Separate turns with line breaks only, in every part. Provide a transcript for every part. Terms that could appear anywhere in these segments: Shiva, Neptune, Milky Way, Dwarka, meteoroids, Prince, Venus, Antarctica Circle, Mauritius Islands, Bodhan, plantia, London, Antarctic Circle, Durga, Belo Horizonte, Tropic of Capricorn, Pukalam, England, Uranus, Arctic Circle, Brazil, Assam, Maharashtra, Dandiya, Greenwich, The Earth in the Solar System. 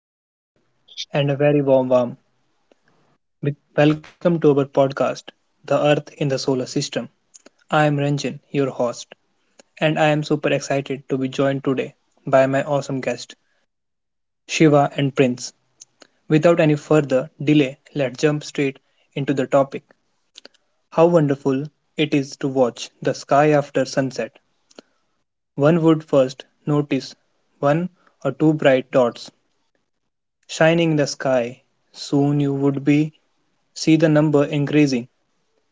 Hello, everyone, and a very warm welcome to our podcast, The Earth in the Solar System. I am Ranjan, your host, and I am super excited to be joined today by my awesome guest, Shiva and Prince. Without any further delay, let's jump straight into the topic. How wonderful it is to watch the sky after sunset. One would first notice one or two bright dots shining in the sky. Soon you would be see the number increasing.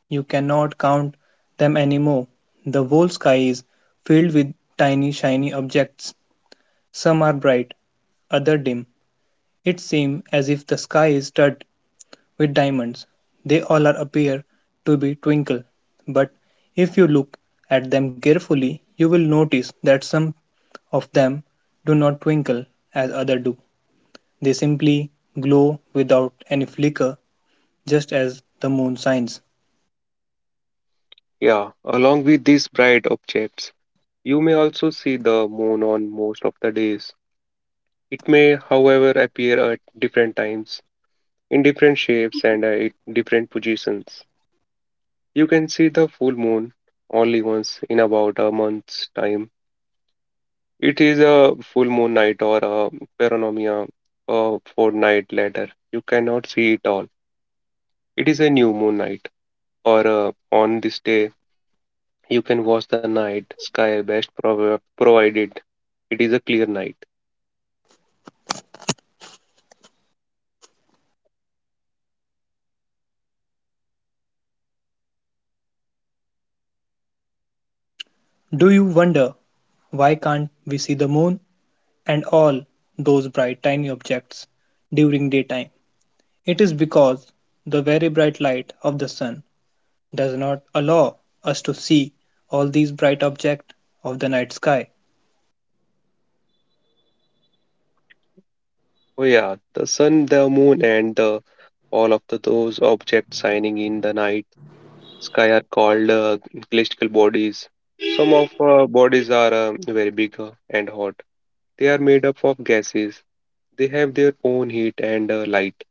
You cannot count them anymore; the whole sky is filled with tiny shiny objects. Some are bright, others dim; it seems as if the sky is studded with diamonds. They all are appear to be twinkle, but if you look at them carefully you will notice that some of them do not twinkle as others do; they simply glow without any flicker, just as the moon shines.
Yeah, along with these bright objects, you may also see the moon on most of the days. It may, however, appear at different times, in different shapes, and at different positions. You can see the full moon only once in about a month's time. It is a full moon night or a panorama a fortnight later. You cannot see it all. It is a new moon night, or on this day, you can watch the night sky best provided it is a clear night.
Do you wonder why can't we see the moon and all those bright tiny objects during daytime? It is because the very bright light of the sun does not allow us to see all these bright objects of the night sky.
Oh yeah, the sun, the moon, and the all of those objects shining in the night sky are called celestial bodies. Some of bodies are very big and hot. They are made up of gases. They have their own heat and light,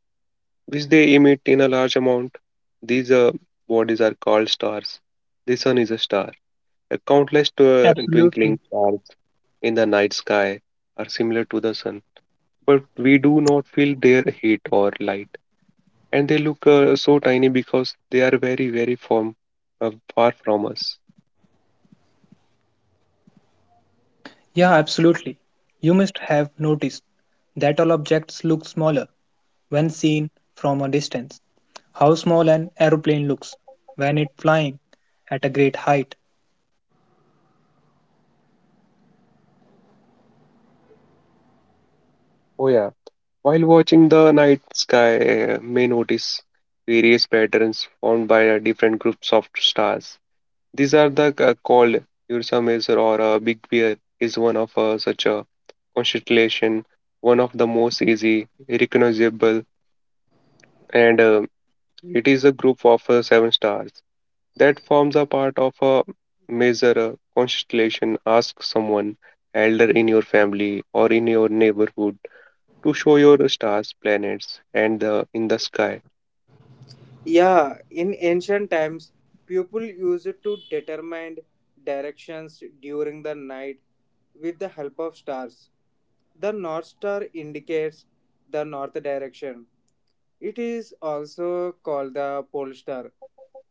which they emit in a large amount. These bodies are called stars. The sun is a star. A countless
Absolutely.
twinkling stars in the night sky are similar to the sun, but we do not feel their heat or light. And they look so tiny because they are very, very far from us.
Yeah, absolutely. You must have noticed that all objects look smaller when seen from a distance. How small an aeroplane looks when it flying at a great height.
Oh, yeah. While watching the night sky, may notice various patterns formed by different groups of stars. These are the called Ursa Major or Big Bear is one of such a constellation, one of the most easy, recognizable, and it is a group of seven stars that forms a part of a major constellation. Ask someone elder in your family or in your neighborhood to show your stars, planets, and the in the sky.
Yeah, in ancient times, people used to determine directions during the night with the help of stars. The North Star indicates the north direction. It is also called the pole star.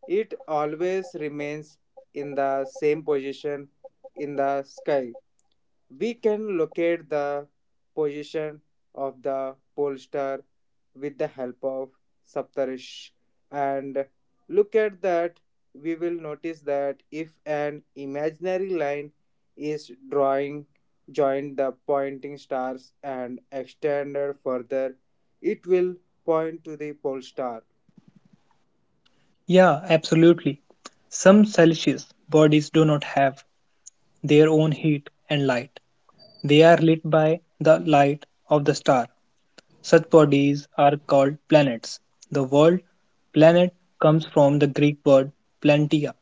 It always remains in the same position in the sky. We can locate the position of the pollster with the help of Saptarish, and look at that, we will notice that if an imaginary line is drawing join the pointing stars and extended further, it will point to the pole star.
Yeah, absolutely. Some celestial bodies do not have their own heat and light. They are lit by the light of the star. Such bodies are called planets. The word planet comes from the Greek word plantia,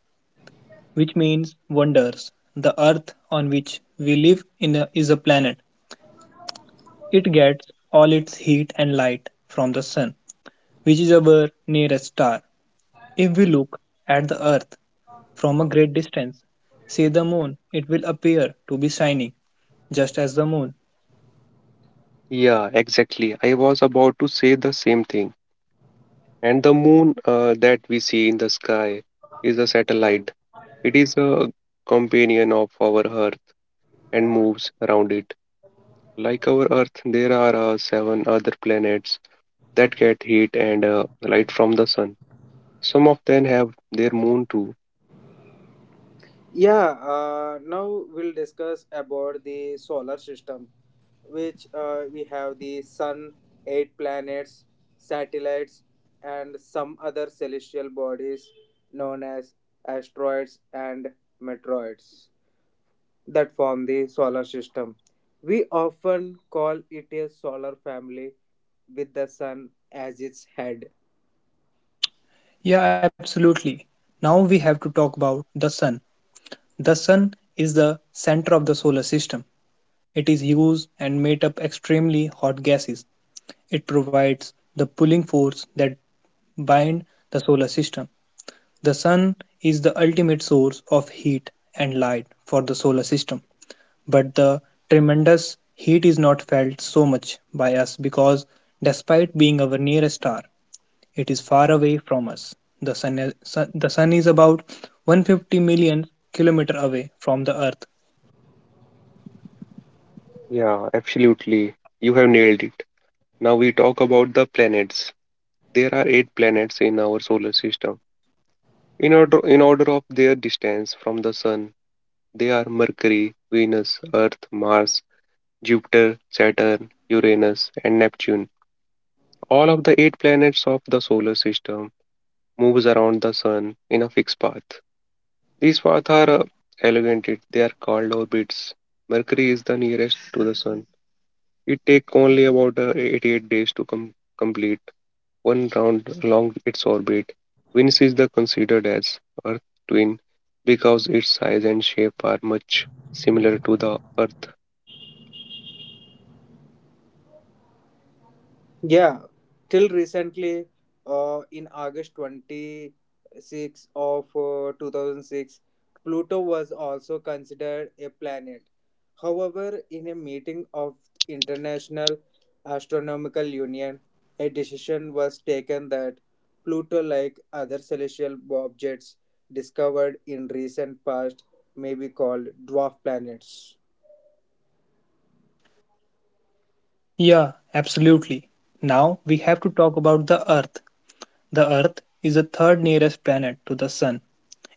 which means wonders. The earth on which we live is a planet. It gets all its heat and light from the sun, which is our nearest star. If we look at the earth from a great distance, say the moon, it will appear to be shining just as the moon.
Yeah, exactly. I was about to say the same thing. And the moon that we see in the sky is a satellite. It is a companion of our Earth and moves around it. Like our Earth, there are seven other planets that get heat and light from the sun. Some of them have their moon too.
Yeah, now we'll discuss about the solar system, which we have the sun, eight planets, satellites, and some other celestial bodies known as asteroids and meteoroids that form the solar system. We often call it a solar family with the sun as its head.
Yeah, absolutely. Now we have to talk about the sun. The sun is the center of the solar system. It is used and made up extremely hot gases. It provides the pulling force that bind the solar system. The sun is the ultimate source of heat and light for the solar system. But the tremendous heat is not felt so much by us because despite being our nearest star, it is far away from us. The sun is about 150 million kilometer away from the earth.
Yeah, absolutely. You have nailed it. Now we talk about the planets. There are eight planets in our solar system. In order of their distance from the sun, they are Mercury, Venus, Earth, Mars, Jupiter, Saturn, Uranus, and Neptune. All of the eight planets of the solar system moves around the sun in a fixed path. These paths are elongated, they are called orbits. Mercury is the nearest to the Sun. It takes only about 88 days to complete one round along its orbit. Venus is the considered as Earth twin because its size and shape are much similar to the Earth.
Yeah, till recently, in August 26 of 2006, Pluto was also considered a planet. However, in a meeting of International Astronomical Union, a decision was taken that Pluto, like other celestial objects discovered in recent past, may be called dwarf planets.
Yeah, absolutely. Now we have to talk about the earth. The earth is the third nearest planet to the sun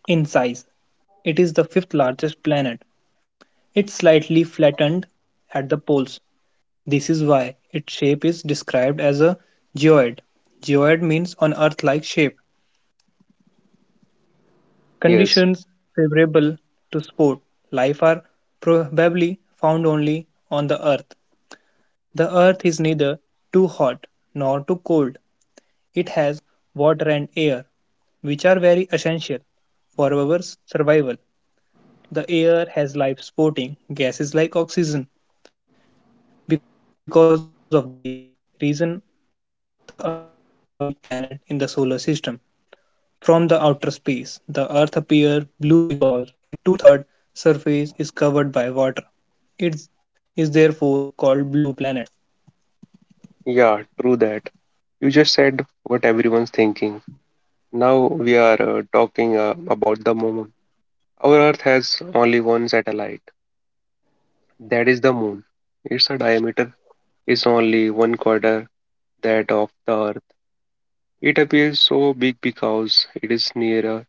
in size. It is the fifth largest planet. It's slightly flattened at the poles. This is why its shape is described as a geoid. Geoid means an earth like shape.
Yes,
Conditions favorable to sport life are probably found only on the earth. The earth is neither too hot nor too cold. It has water and air, which are very essential for our survival. The air has life supporting gases like oxygen. Because of these reason, the earth is unique planet in the solar system. From the outer space, the Earth appears blue because its two-third surface is covered by water. It is therefore called blue planet.
yeah, true that. You just said what everyone's thinking. Now we are talking about the moon. Our Earth has only one satellite, that is the moon. Its diameter is only one quarter that of the Earth. It appears so big because it is nearer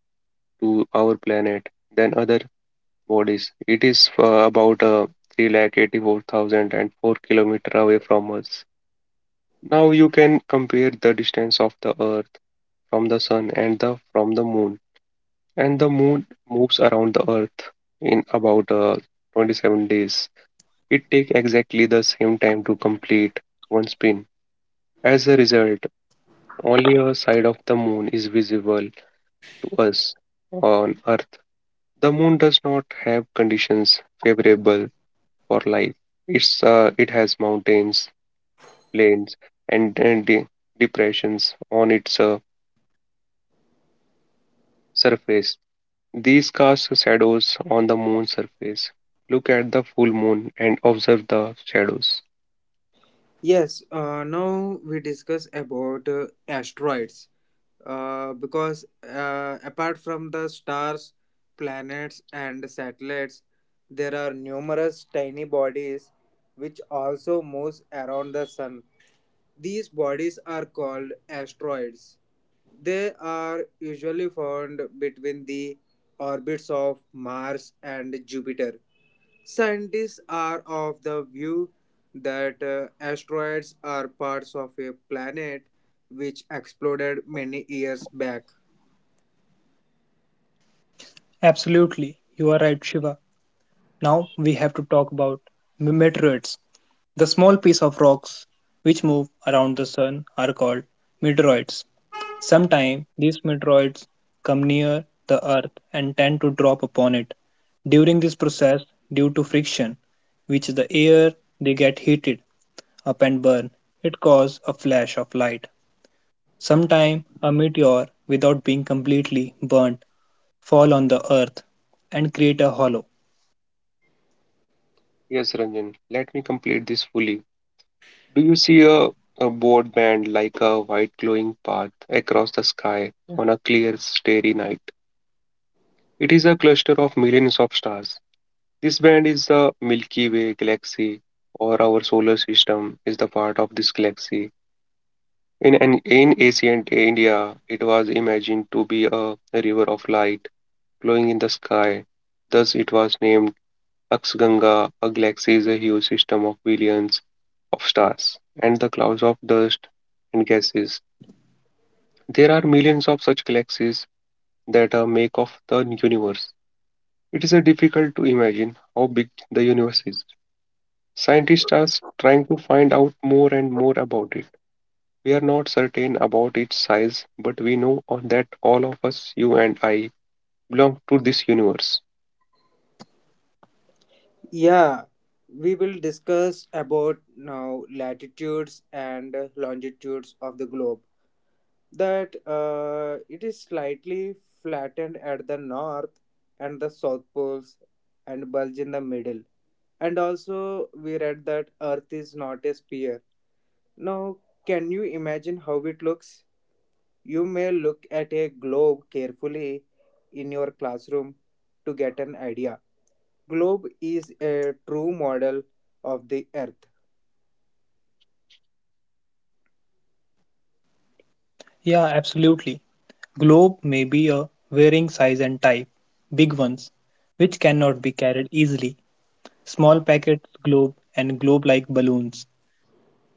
to our planet than other bodies. It is about 3,84,004 kilometer away from us. Now you can compare the distance of the Earth from the sun and the from the moon, and the moon moves around the earth in about 27 days. It takes exactly the same time to complete one spin. As a result, only a side of the moon is visible to us on Earth. The moon does not have conditions favorable for life. It has mountains, plains, and depressions on its surface. These cast shadows on the moon's surface. Look at the full moon and observe the shadows.
Yes, now we discuss about asteroids. Because apart from the stars, planets, and satellites, there are numerous tiny bodies which also moves around the sun. These bodies are called asteroids. They are usually found between the orbits of Mars and Jupiter. Scientists are of the view that asteroids are parts of a planet which exploded many years back.
Absolutely, you are right, Shiva. Now we have to talk about meteorites. The small piece of rocks which move around the sun are called meteoroids. Sometimes these meteoroids come near the earth and tend to drop upon it. During this process, due to friction, which the air they get heated up and burn, it caused a flash of light. Sometime a meteor, without being completely burnt, fall on the earth and create a hollow.
Yes, Ranjan, let me complete this fully. Do you see a board band like a white glowing path across the sky on a clear, starry night? It is a cluster of millions of stars. This band is the Milky Way galaxy, or our solar system is the part of this galaxy. In ancient India, it was imagined to be a river of light glowing in the sky. Thus, it was named Akshaganga. A galaxy is a huge system of billions of stars and the clouds of dust and gases. There are millions of such galaxies that make up the universe. It is difficult to imagine how big the universe is. Scientists are trying to find out more and more about it. We are not certain about its size, but we know that all of us, you and I, belong to this universe.
Yeah, we will discuss about now latitudes and longitudes of the globe. That it is slightly flattened at the north and the south poles and bulge in the middle. And also, we read that Earth is not a sphere. Now, can you imagine how it looks? You may look at a globe carefully in your classroom to get an idea. Globe is a true model of the earth.
Yeah, absolutely. Globe may be a varying size and type. Big ones, which cannot be carried easily. Small packets, globe, and globe-like balloons,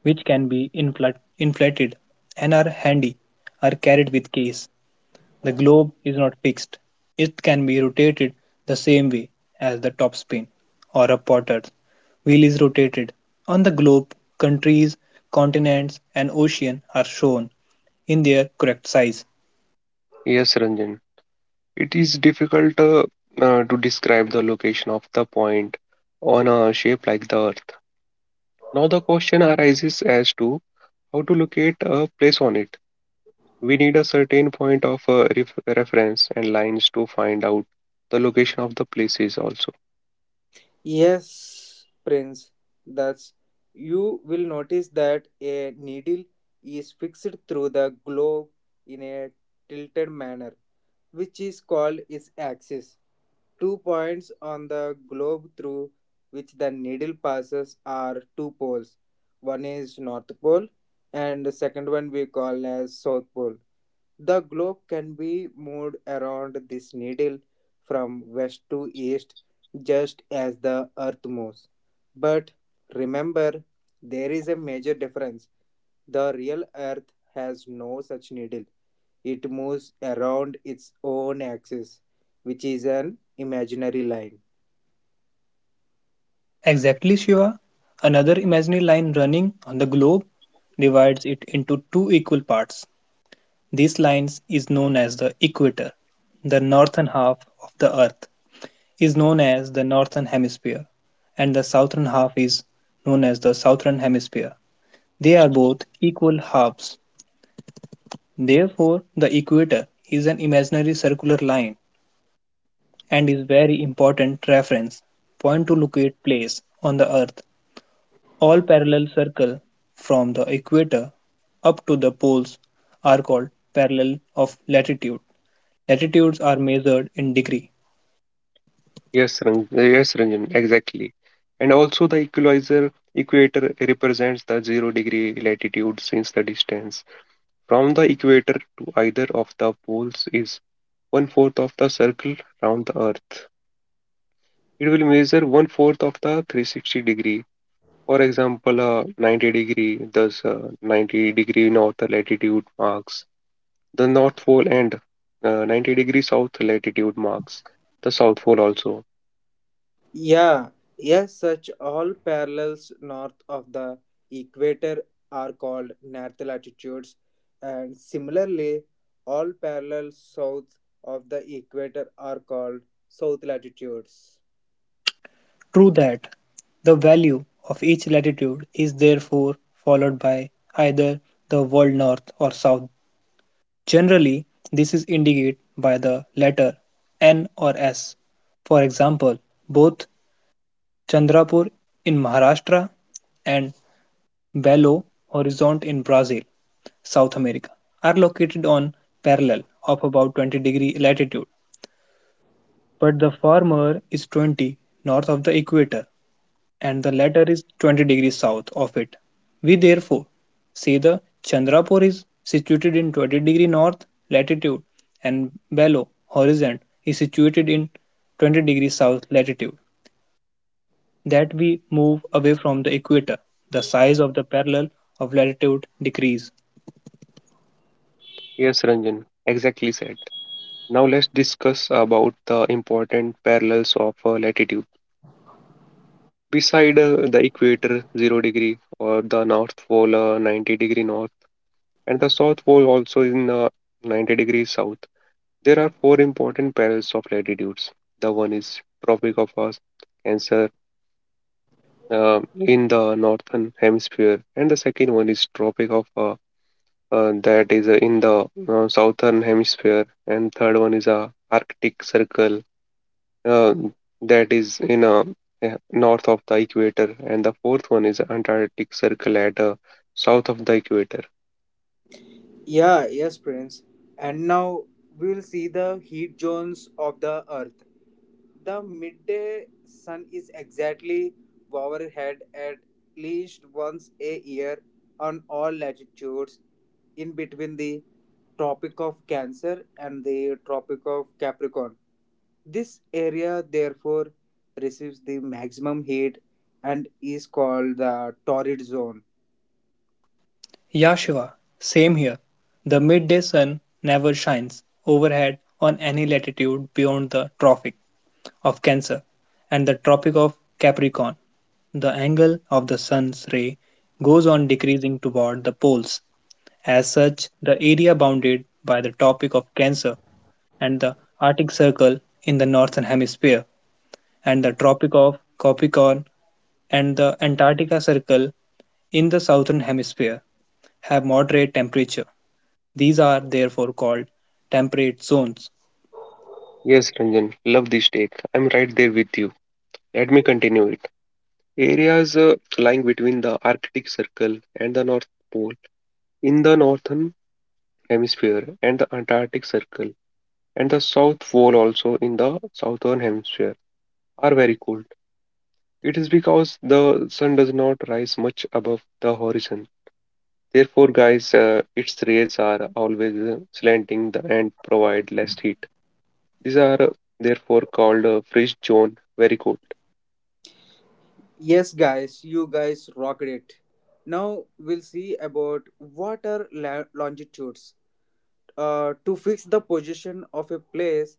which can be inflated and are handy, are carried with case. The globe is not fixed, it can be rotated the same way as the topspin or a potter's wheel is rotated. On the globe, countries, continents, and oceans are shown in their correct size.
Yes, Ranjan. It is difficult to describe the location of the point on a shape like the Earth. Now, the question arises as to how to locate a place on it. We need a certain point of reference and lines to find out the location of the places also.
Yes, Prince, thus you will notice that a needle is fixed through the globe in a tilted manner, which is called its axis. Two points on the globe through which the needle passes are two poles. One is North Pole and the second one we call as South Pole. The globe can be moved around this needle from west to east just as the earth moves. But remember, there is a major difference. The real earth has no such needle. It moves around its own axis, which is an imaginary line.
Exactly, Shiva. Another imaginary line running on the globe divides it into two equal parts. This line is known as the equator. The northern half of the earth is known as the Northern Hemisphere, and the southern half is known as the Southern Hemisphere. They are both equal halves. Therefore, the equator is an imaginary circular line and is very important reference point to locate place on the earth. All parallel circle from the equator up to the poles are called parallel of latitude. Latitudes are measured in degree.
Yes, Ranjan, exactly. And also, the equalizer equator represents the zero degree latitude since the distance from the equator to either of the poles is one fourth of the circle round the earth. It will measure one fourth of the 360 degree. For example, 90-degree, thus 90-degree north latitude marks the North Pole, and 90-degree south latitude marks the South Pole also.
Yeah, yes, such all parallels north of the equator are called north latitudes, and similarly, all parallels south of the equator are called south latitudes.
True that. The value of each latitude is therefore followed by either the word north or south. Generally this is indicated by the letter N or S. For example, both Chandrapur in Maharashtra and Belo Horizonte in Brazil, South America, are located on parallel of about 20-degree latitude, but the former is 20 north of the equator and the latter is 20 degrees south of it. We therefore say the Chandrapur is situated in 20-degree north latitude and Belo Horizonte is situated in 20-degree south latitude. That we move away from the equator, the size of the parallel of latitude decrease.
Yes, Ranjan, exactly said. Now let's discuss about the important parallels of latitude. Beside the equator 0 degree or the North Pole 90-degree north and the South Pole also in 90-degree south, there are four important parallels of latitudes. The one is Tropic of Cancer in the northern hemisphere, and the second one is Tropic of that is in the southern hemisphere, and third one is a Arctic Circle uh, that is in north of the equator, and the fourth one is Antarctic Circle at south of the equator.
Yeah, yes, Prince. And now we will see the heat zones of the Earth. The midday sun is exactly overhead at least once a year on all latitudes in between the Tropic of Cancer and the Tropic of Capricorn. This area therefore receives the maximum heat and is called the torrid zone.
Ya Shiva, same here. The midday sun never shines overhead on any latitude beyond the Tropic of Cancer and the Tropic of Capricorn. The angle of the sun's ray goes on decreasing toward the poles. As such, the area bounded by the Tropic of Cancer and the Arctic Circle in the northern hemisphere, and the Tropic of Capricorn and the Antarctica Circle in the southern hemisphere, have moderate temperature. These are therefore called temperate zones.
Yes, Ranjan, love this take. I'm right there with you. Let me continue it. Areas lying between the Arctic Circle and the North Pole in the northern hemisphere and the Antarctic Circle and the South Pole also in the southern hemisphere are very cold. It is because the sun does not rise much above the horizon. Therefore, guys, its rays are always slanting and provide less heat. These are therefore called fringe zone, very cold.
Yes, guys, you guys rocked it. Now we'll see about longitudes. To fix the position of a place,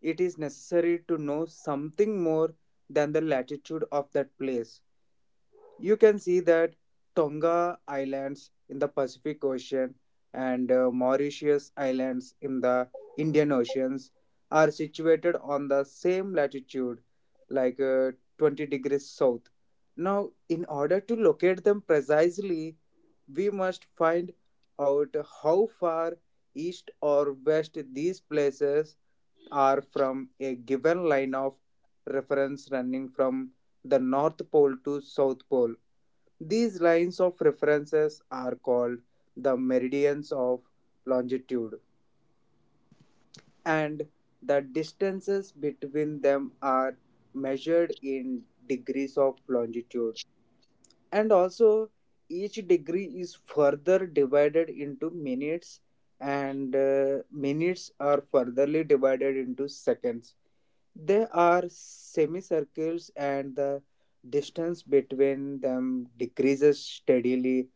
it is necessary to know something more than the latitude of that place. You can see that Tonga Islands in the Pacific Ocean and Mauritius Islands in the Indian Oceans are situated on the same latitude, like 20 degrees south. Now, in order to locate them precisely, we must find out how far east or west these places are from a given line of reference running from the North Pole to South Pole. These lines of references are called the meridians of longitude, and the distances between them are measured in degrees of longitude. And also, each degree is further divided into minutes, and minutes are furtherly divided into seconds. They are semicircles and the distance between them decreases steadily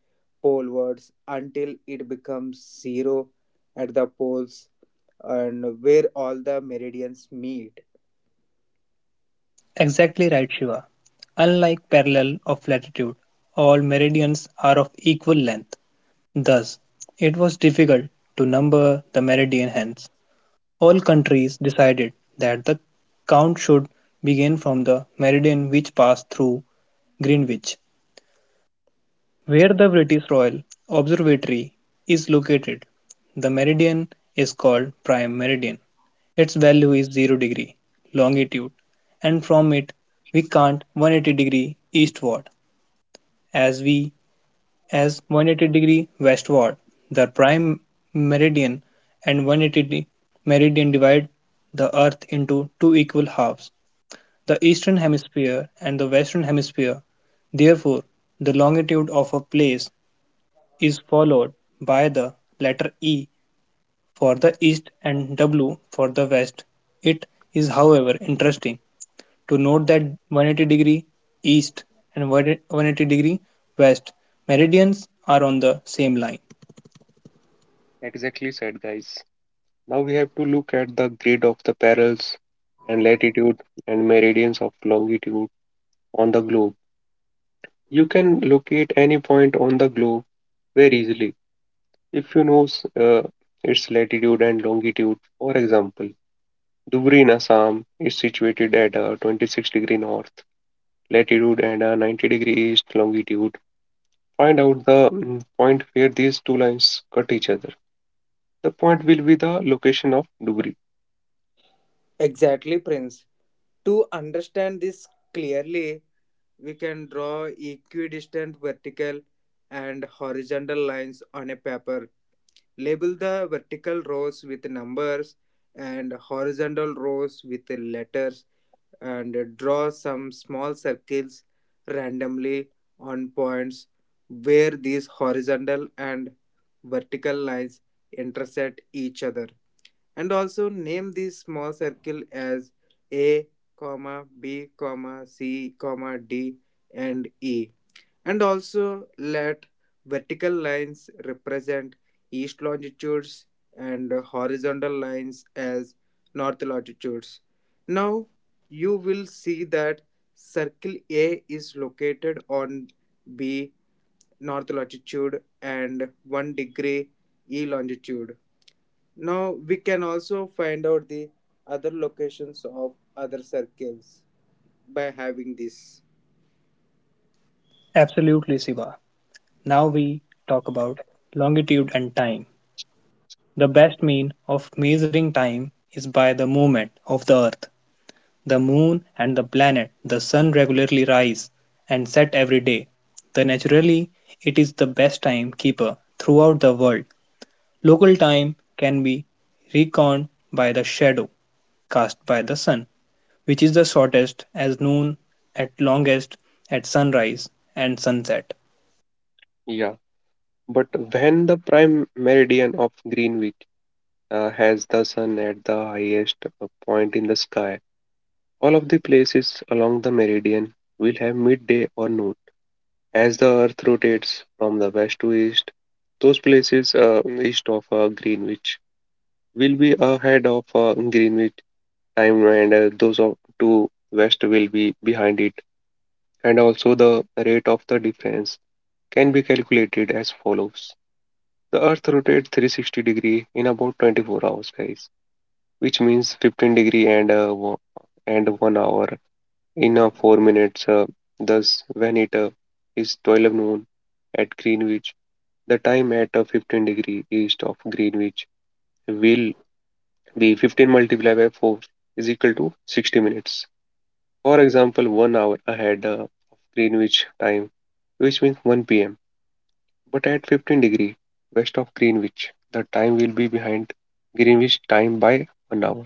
polewards until it becomes zero at the poles and where all the meridians meet.
Exactly right, Shiva. Unlike parallel of latitude, all meridians are of equal length. Thus, it was difficult to number the meridian hence, all countries decided that the count should begin from the meridian which passed through Greenwich, where the British Royal Observatory is located. The meridian is called prime meridian. Its value is 0-degree longitude and from it we count 180-degree eastward as we as 180° westward. The prime meridian and 180° meridian divide the earth into two equal halves, the eastern hemisphere and the western hemisphere. Therefore, the longitude of a place is followed by the letter E for the east and W for the west. It is however interesting to note that 180-degree east and 180-degree west meridians are on the same line.
Exactly said, guys. Now we have to look at the grid of the parallels and latitude and meridians of longitude on the globe. You can locate any point on the globe very easily if you know uh, its latitude and longitude. For example, Dhubri in Assam is situated at 26-degree north latitude and 90-degree east longitude. Find out the point where these two lines cut each other. The point will be the location of Dhubri.
Exactly, Prince. To understand this clearly, we can draw equidistant vertical and horizontal lines on a paper. Label the vertical rows with numbers and horizontal rows with letters, and draw some small circles randomly on points where these horizontal and vertical lines intersect each other. And also name this small circle as a comma b comma c comma d and e. And also let vertical lines represent east longitudes and horizontal lines as north longitudes. Now you will see that circle a is located on b north longitude and 1 degree e longitude. Now we can also find out the other locations of other circles by having this.
Absolutely, Siva. Now we talk about longitude and time. The best mean of measuring time is by the movement of the earth. The moon and the planet, the sun regularly rise and set every day. The naturally it is the best time keeper throughout the world. Local time can be reckoned by the shadow cast by the sun, which is the shortest as noon, at longest at sunrise and sunset.
Yeah, but when the prime meridian of Greenwich has the sun at the highest point in the sky, all of the places along the meridian will have midday or noon. As the earth rotates from the west to east, those places east of Greenwich will be ahead of Greenwich time, and those of two west will be behind it. And also, the rate of the difference can be calculated as follows: the Earth rotates 360 degree in about 24 hours, guys, which means 15 degree and 1 hour in 4 minutes. Thus, when it is 12 noon at Greenwich, the time at 15-degree east of Greenwich will the 15 multiplied by 4 is equal to 60 minutes. For example, 1 hour ahead of Greenwich time, which means 1 pm. But at 15-degree west of Greenwich, the time will be behind Greenwich time by 1 hour.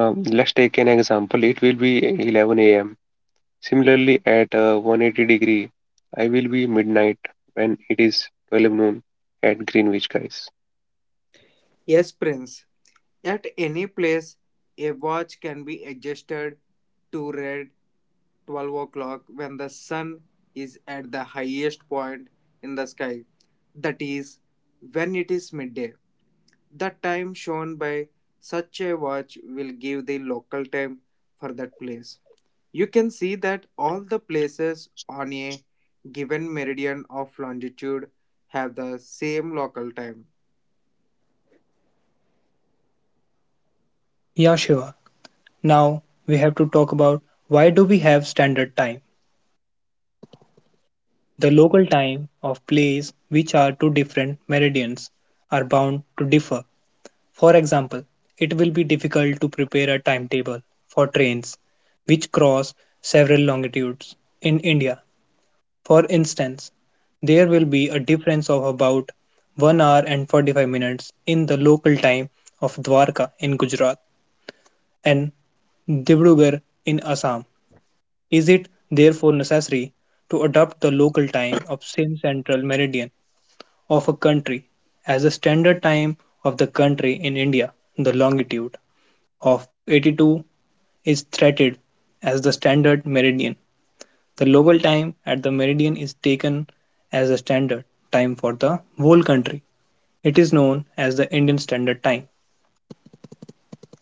Let's take an example. It will be 11 am. Similarly, at 180 degree, I will be midnight when it is 12 noon at Greenwich, guys.
Yes, Prince. At any place, a watch can be adjusted to read 12 o'clock when the sun is at the highest point in the sky, that is, when it is midday. The time shown by such a watch will give the local time for that place. You can see that all the places on a given meridian of longitude have the same local time.
Yeah, Shiva. Now we have to talk about, why do we have standard time? The local time of plays which are to different meridians are bound to differ. For example, it will be difficult to prepare a timetable for trains which cross several longitudes in India. For instance, there will be a difference of about 1 hour and 45 minutes in the local time of Dwarka in Gujarat and Dibrugarh in Assam. Is it therefore necessary to adopt the local time of same central meridian of a country as the standard time of the country in India? The longitude of 82 is treated as the standard meridian. The local time at the meridian is taken as the standard time for the whole country. It is known as the Indian Standard Time.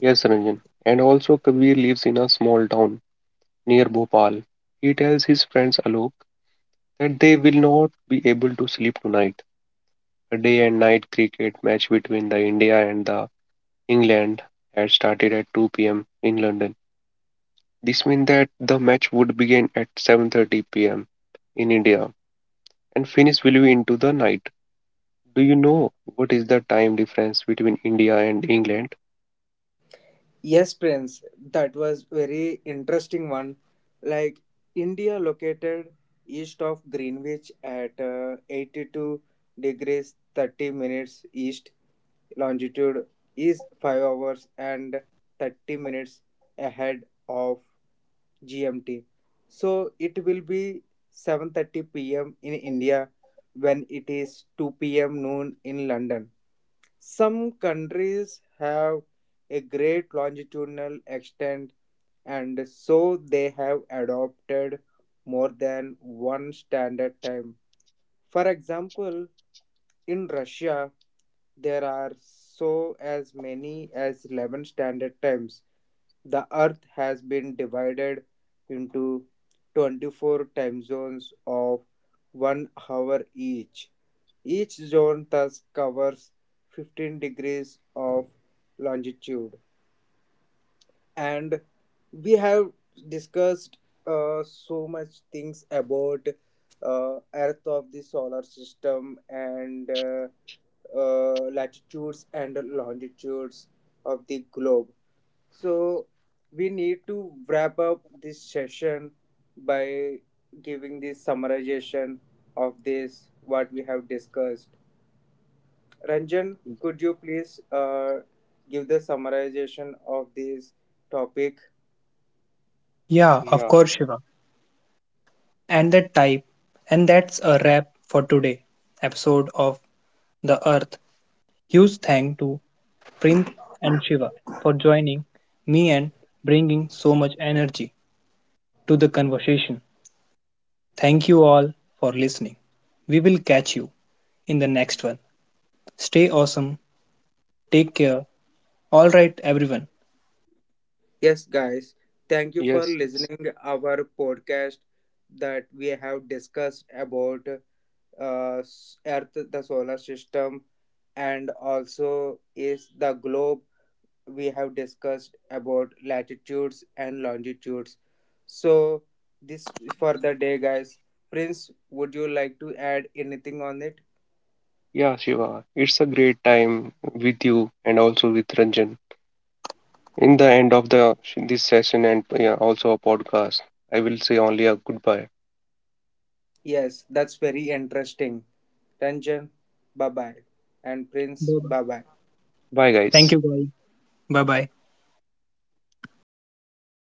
Yes, Ranjan. And also, Kabir lives in a small town near Bhopal. He tells his friends Alok that they will not be able to sleep tonight. A day and night cricket match between the India and the England had started at 2 p.m. in London. This means that the match would begin at 7:30 p.m. in India and finish will be into the night. Do you know what is the time difference between India and England?
Yes, Prince, that was very interesting one. Like India located east of Greenwich at 82 degrees 30 minutes east longitude is 5 hours and 30 minutes ahead of GMT. So it will be 7:30 p.m. in India when it is 2 p.m. noon in London. Some countries have a great longitudinal extent, and so they have adopted more than one standard time. For example, in Russia, there are so as many as 11 standard times. The Earth has been divided into 24 time zones of 1 hour each. Each zone thus covers 15 degrees of longitude. And we have discussed so much things about earth of the solar system and latitudes and longitudes of the globe. So we need to wrap up this session by giving the summarization of this what we have discussed. Ranjan, could you please give the summarization of this topic?
Yeah,
Yeah,
of course, Shiva. And that type, and that's a wrap for today episode of The Earth. Huge thank to Prince and Shiva for joining me and bringing so much energy to the conversation. Thank you all for listening. We will catch you in the next one. Stay awesome. Take care. All right, everyone.
Yes, guys, thank you for
yes, yes.
listening our podcast, that we have discussed about Earth, the solar system, and also is the globe. We have discussed about latitudes and longitudes. So this is for the day, guys. Prince, would you like to add anything on it?
Yeah, Shiva, it's a great time with you and also with Ranjan. In the end of the this session, and yeah, also a podcast, I will say only a goodbye.
Yes, that's very interesting. Ranjan, bye bye, and Prince,
Bye bye.
bye bye.
Bye
Thank
guys.
you, guys. Bye bye.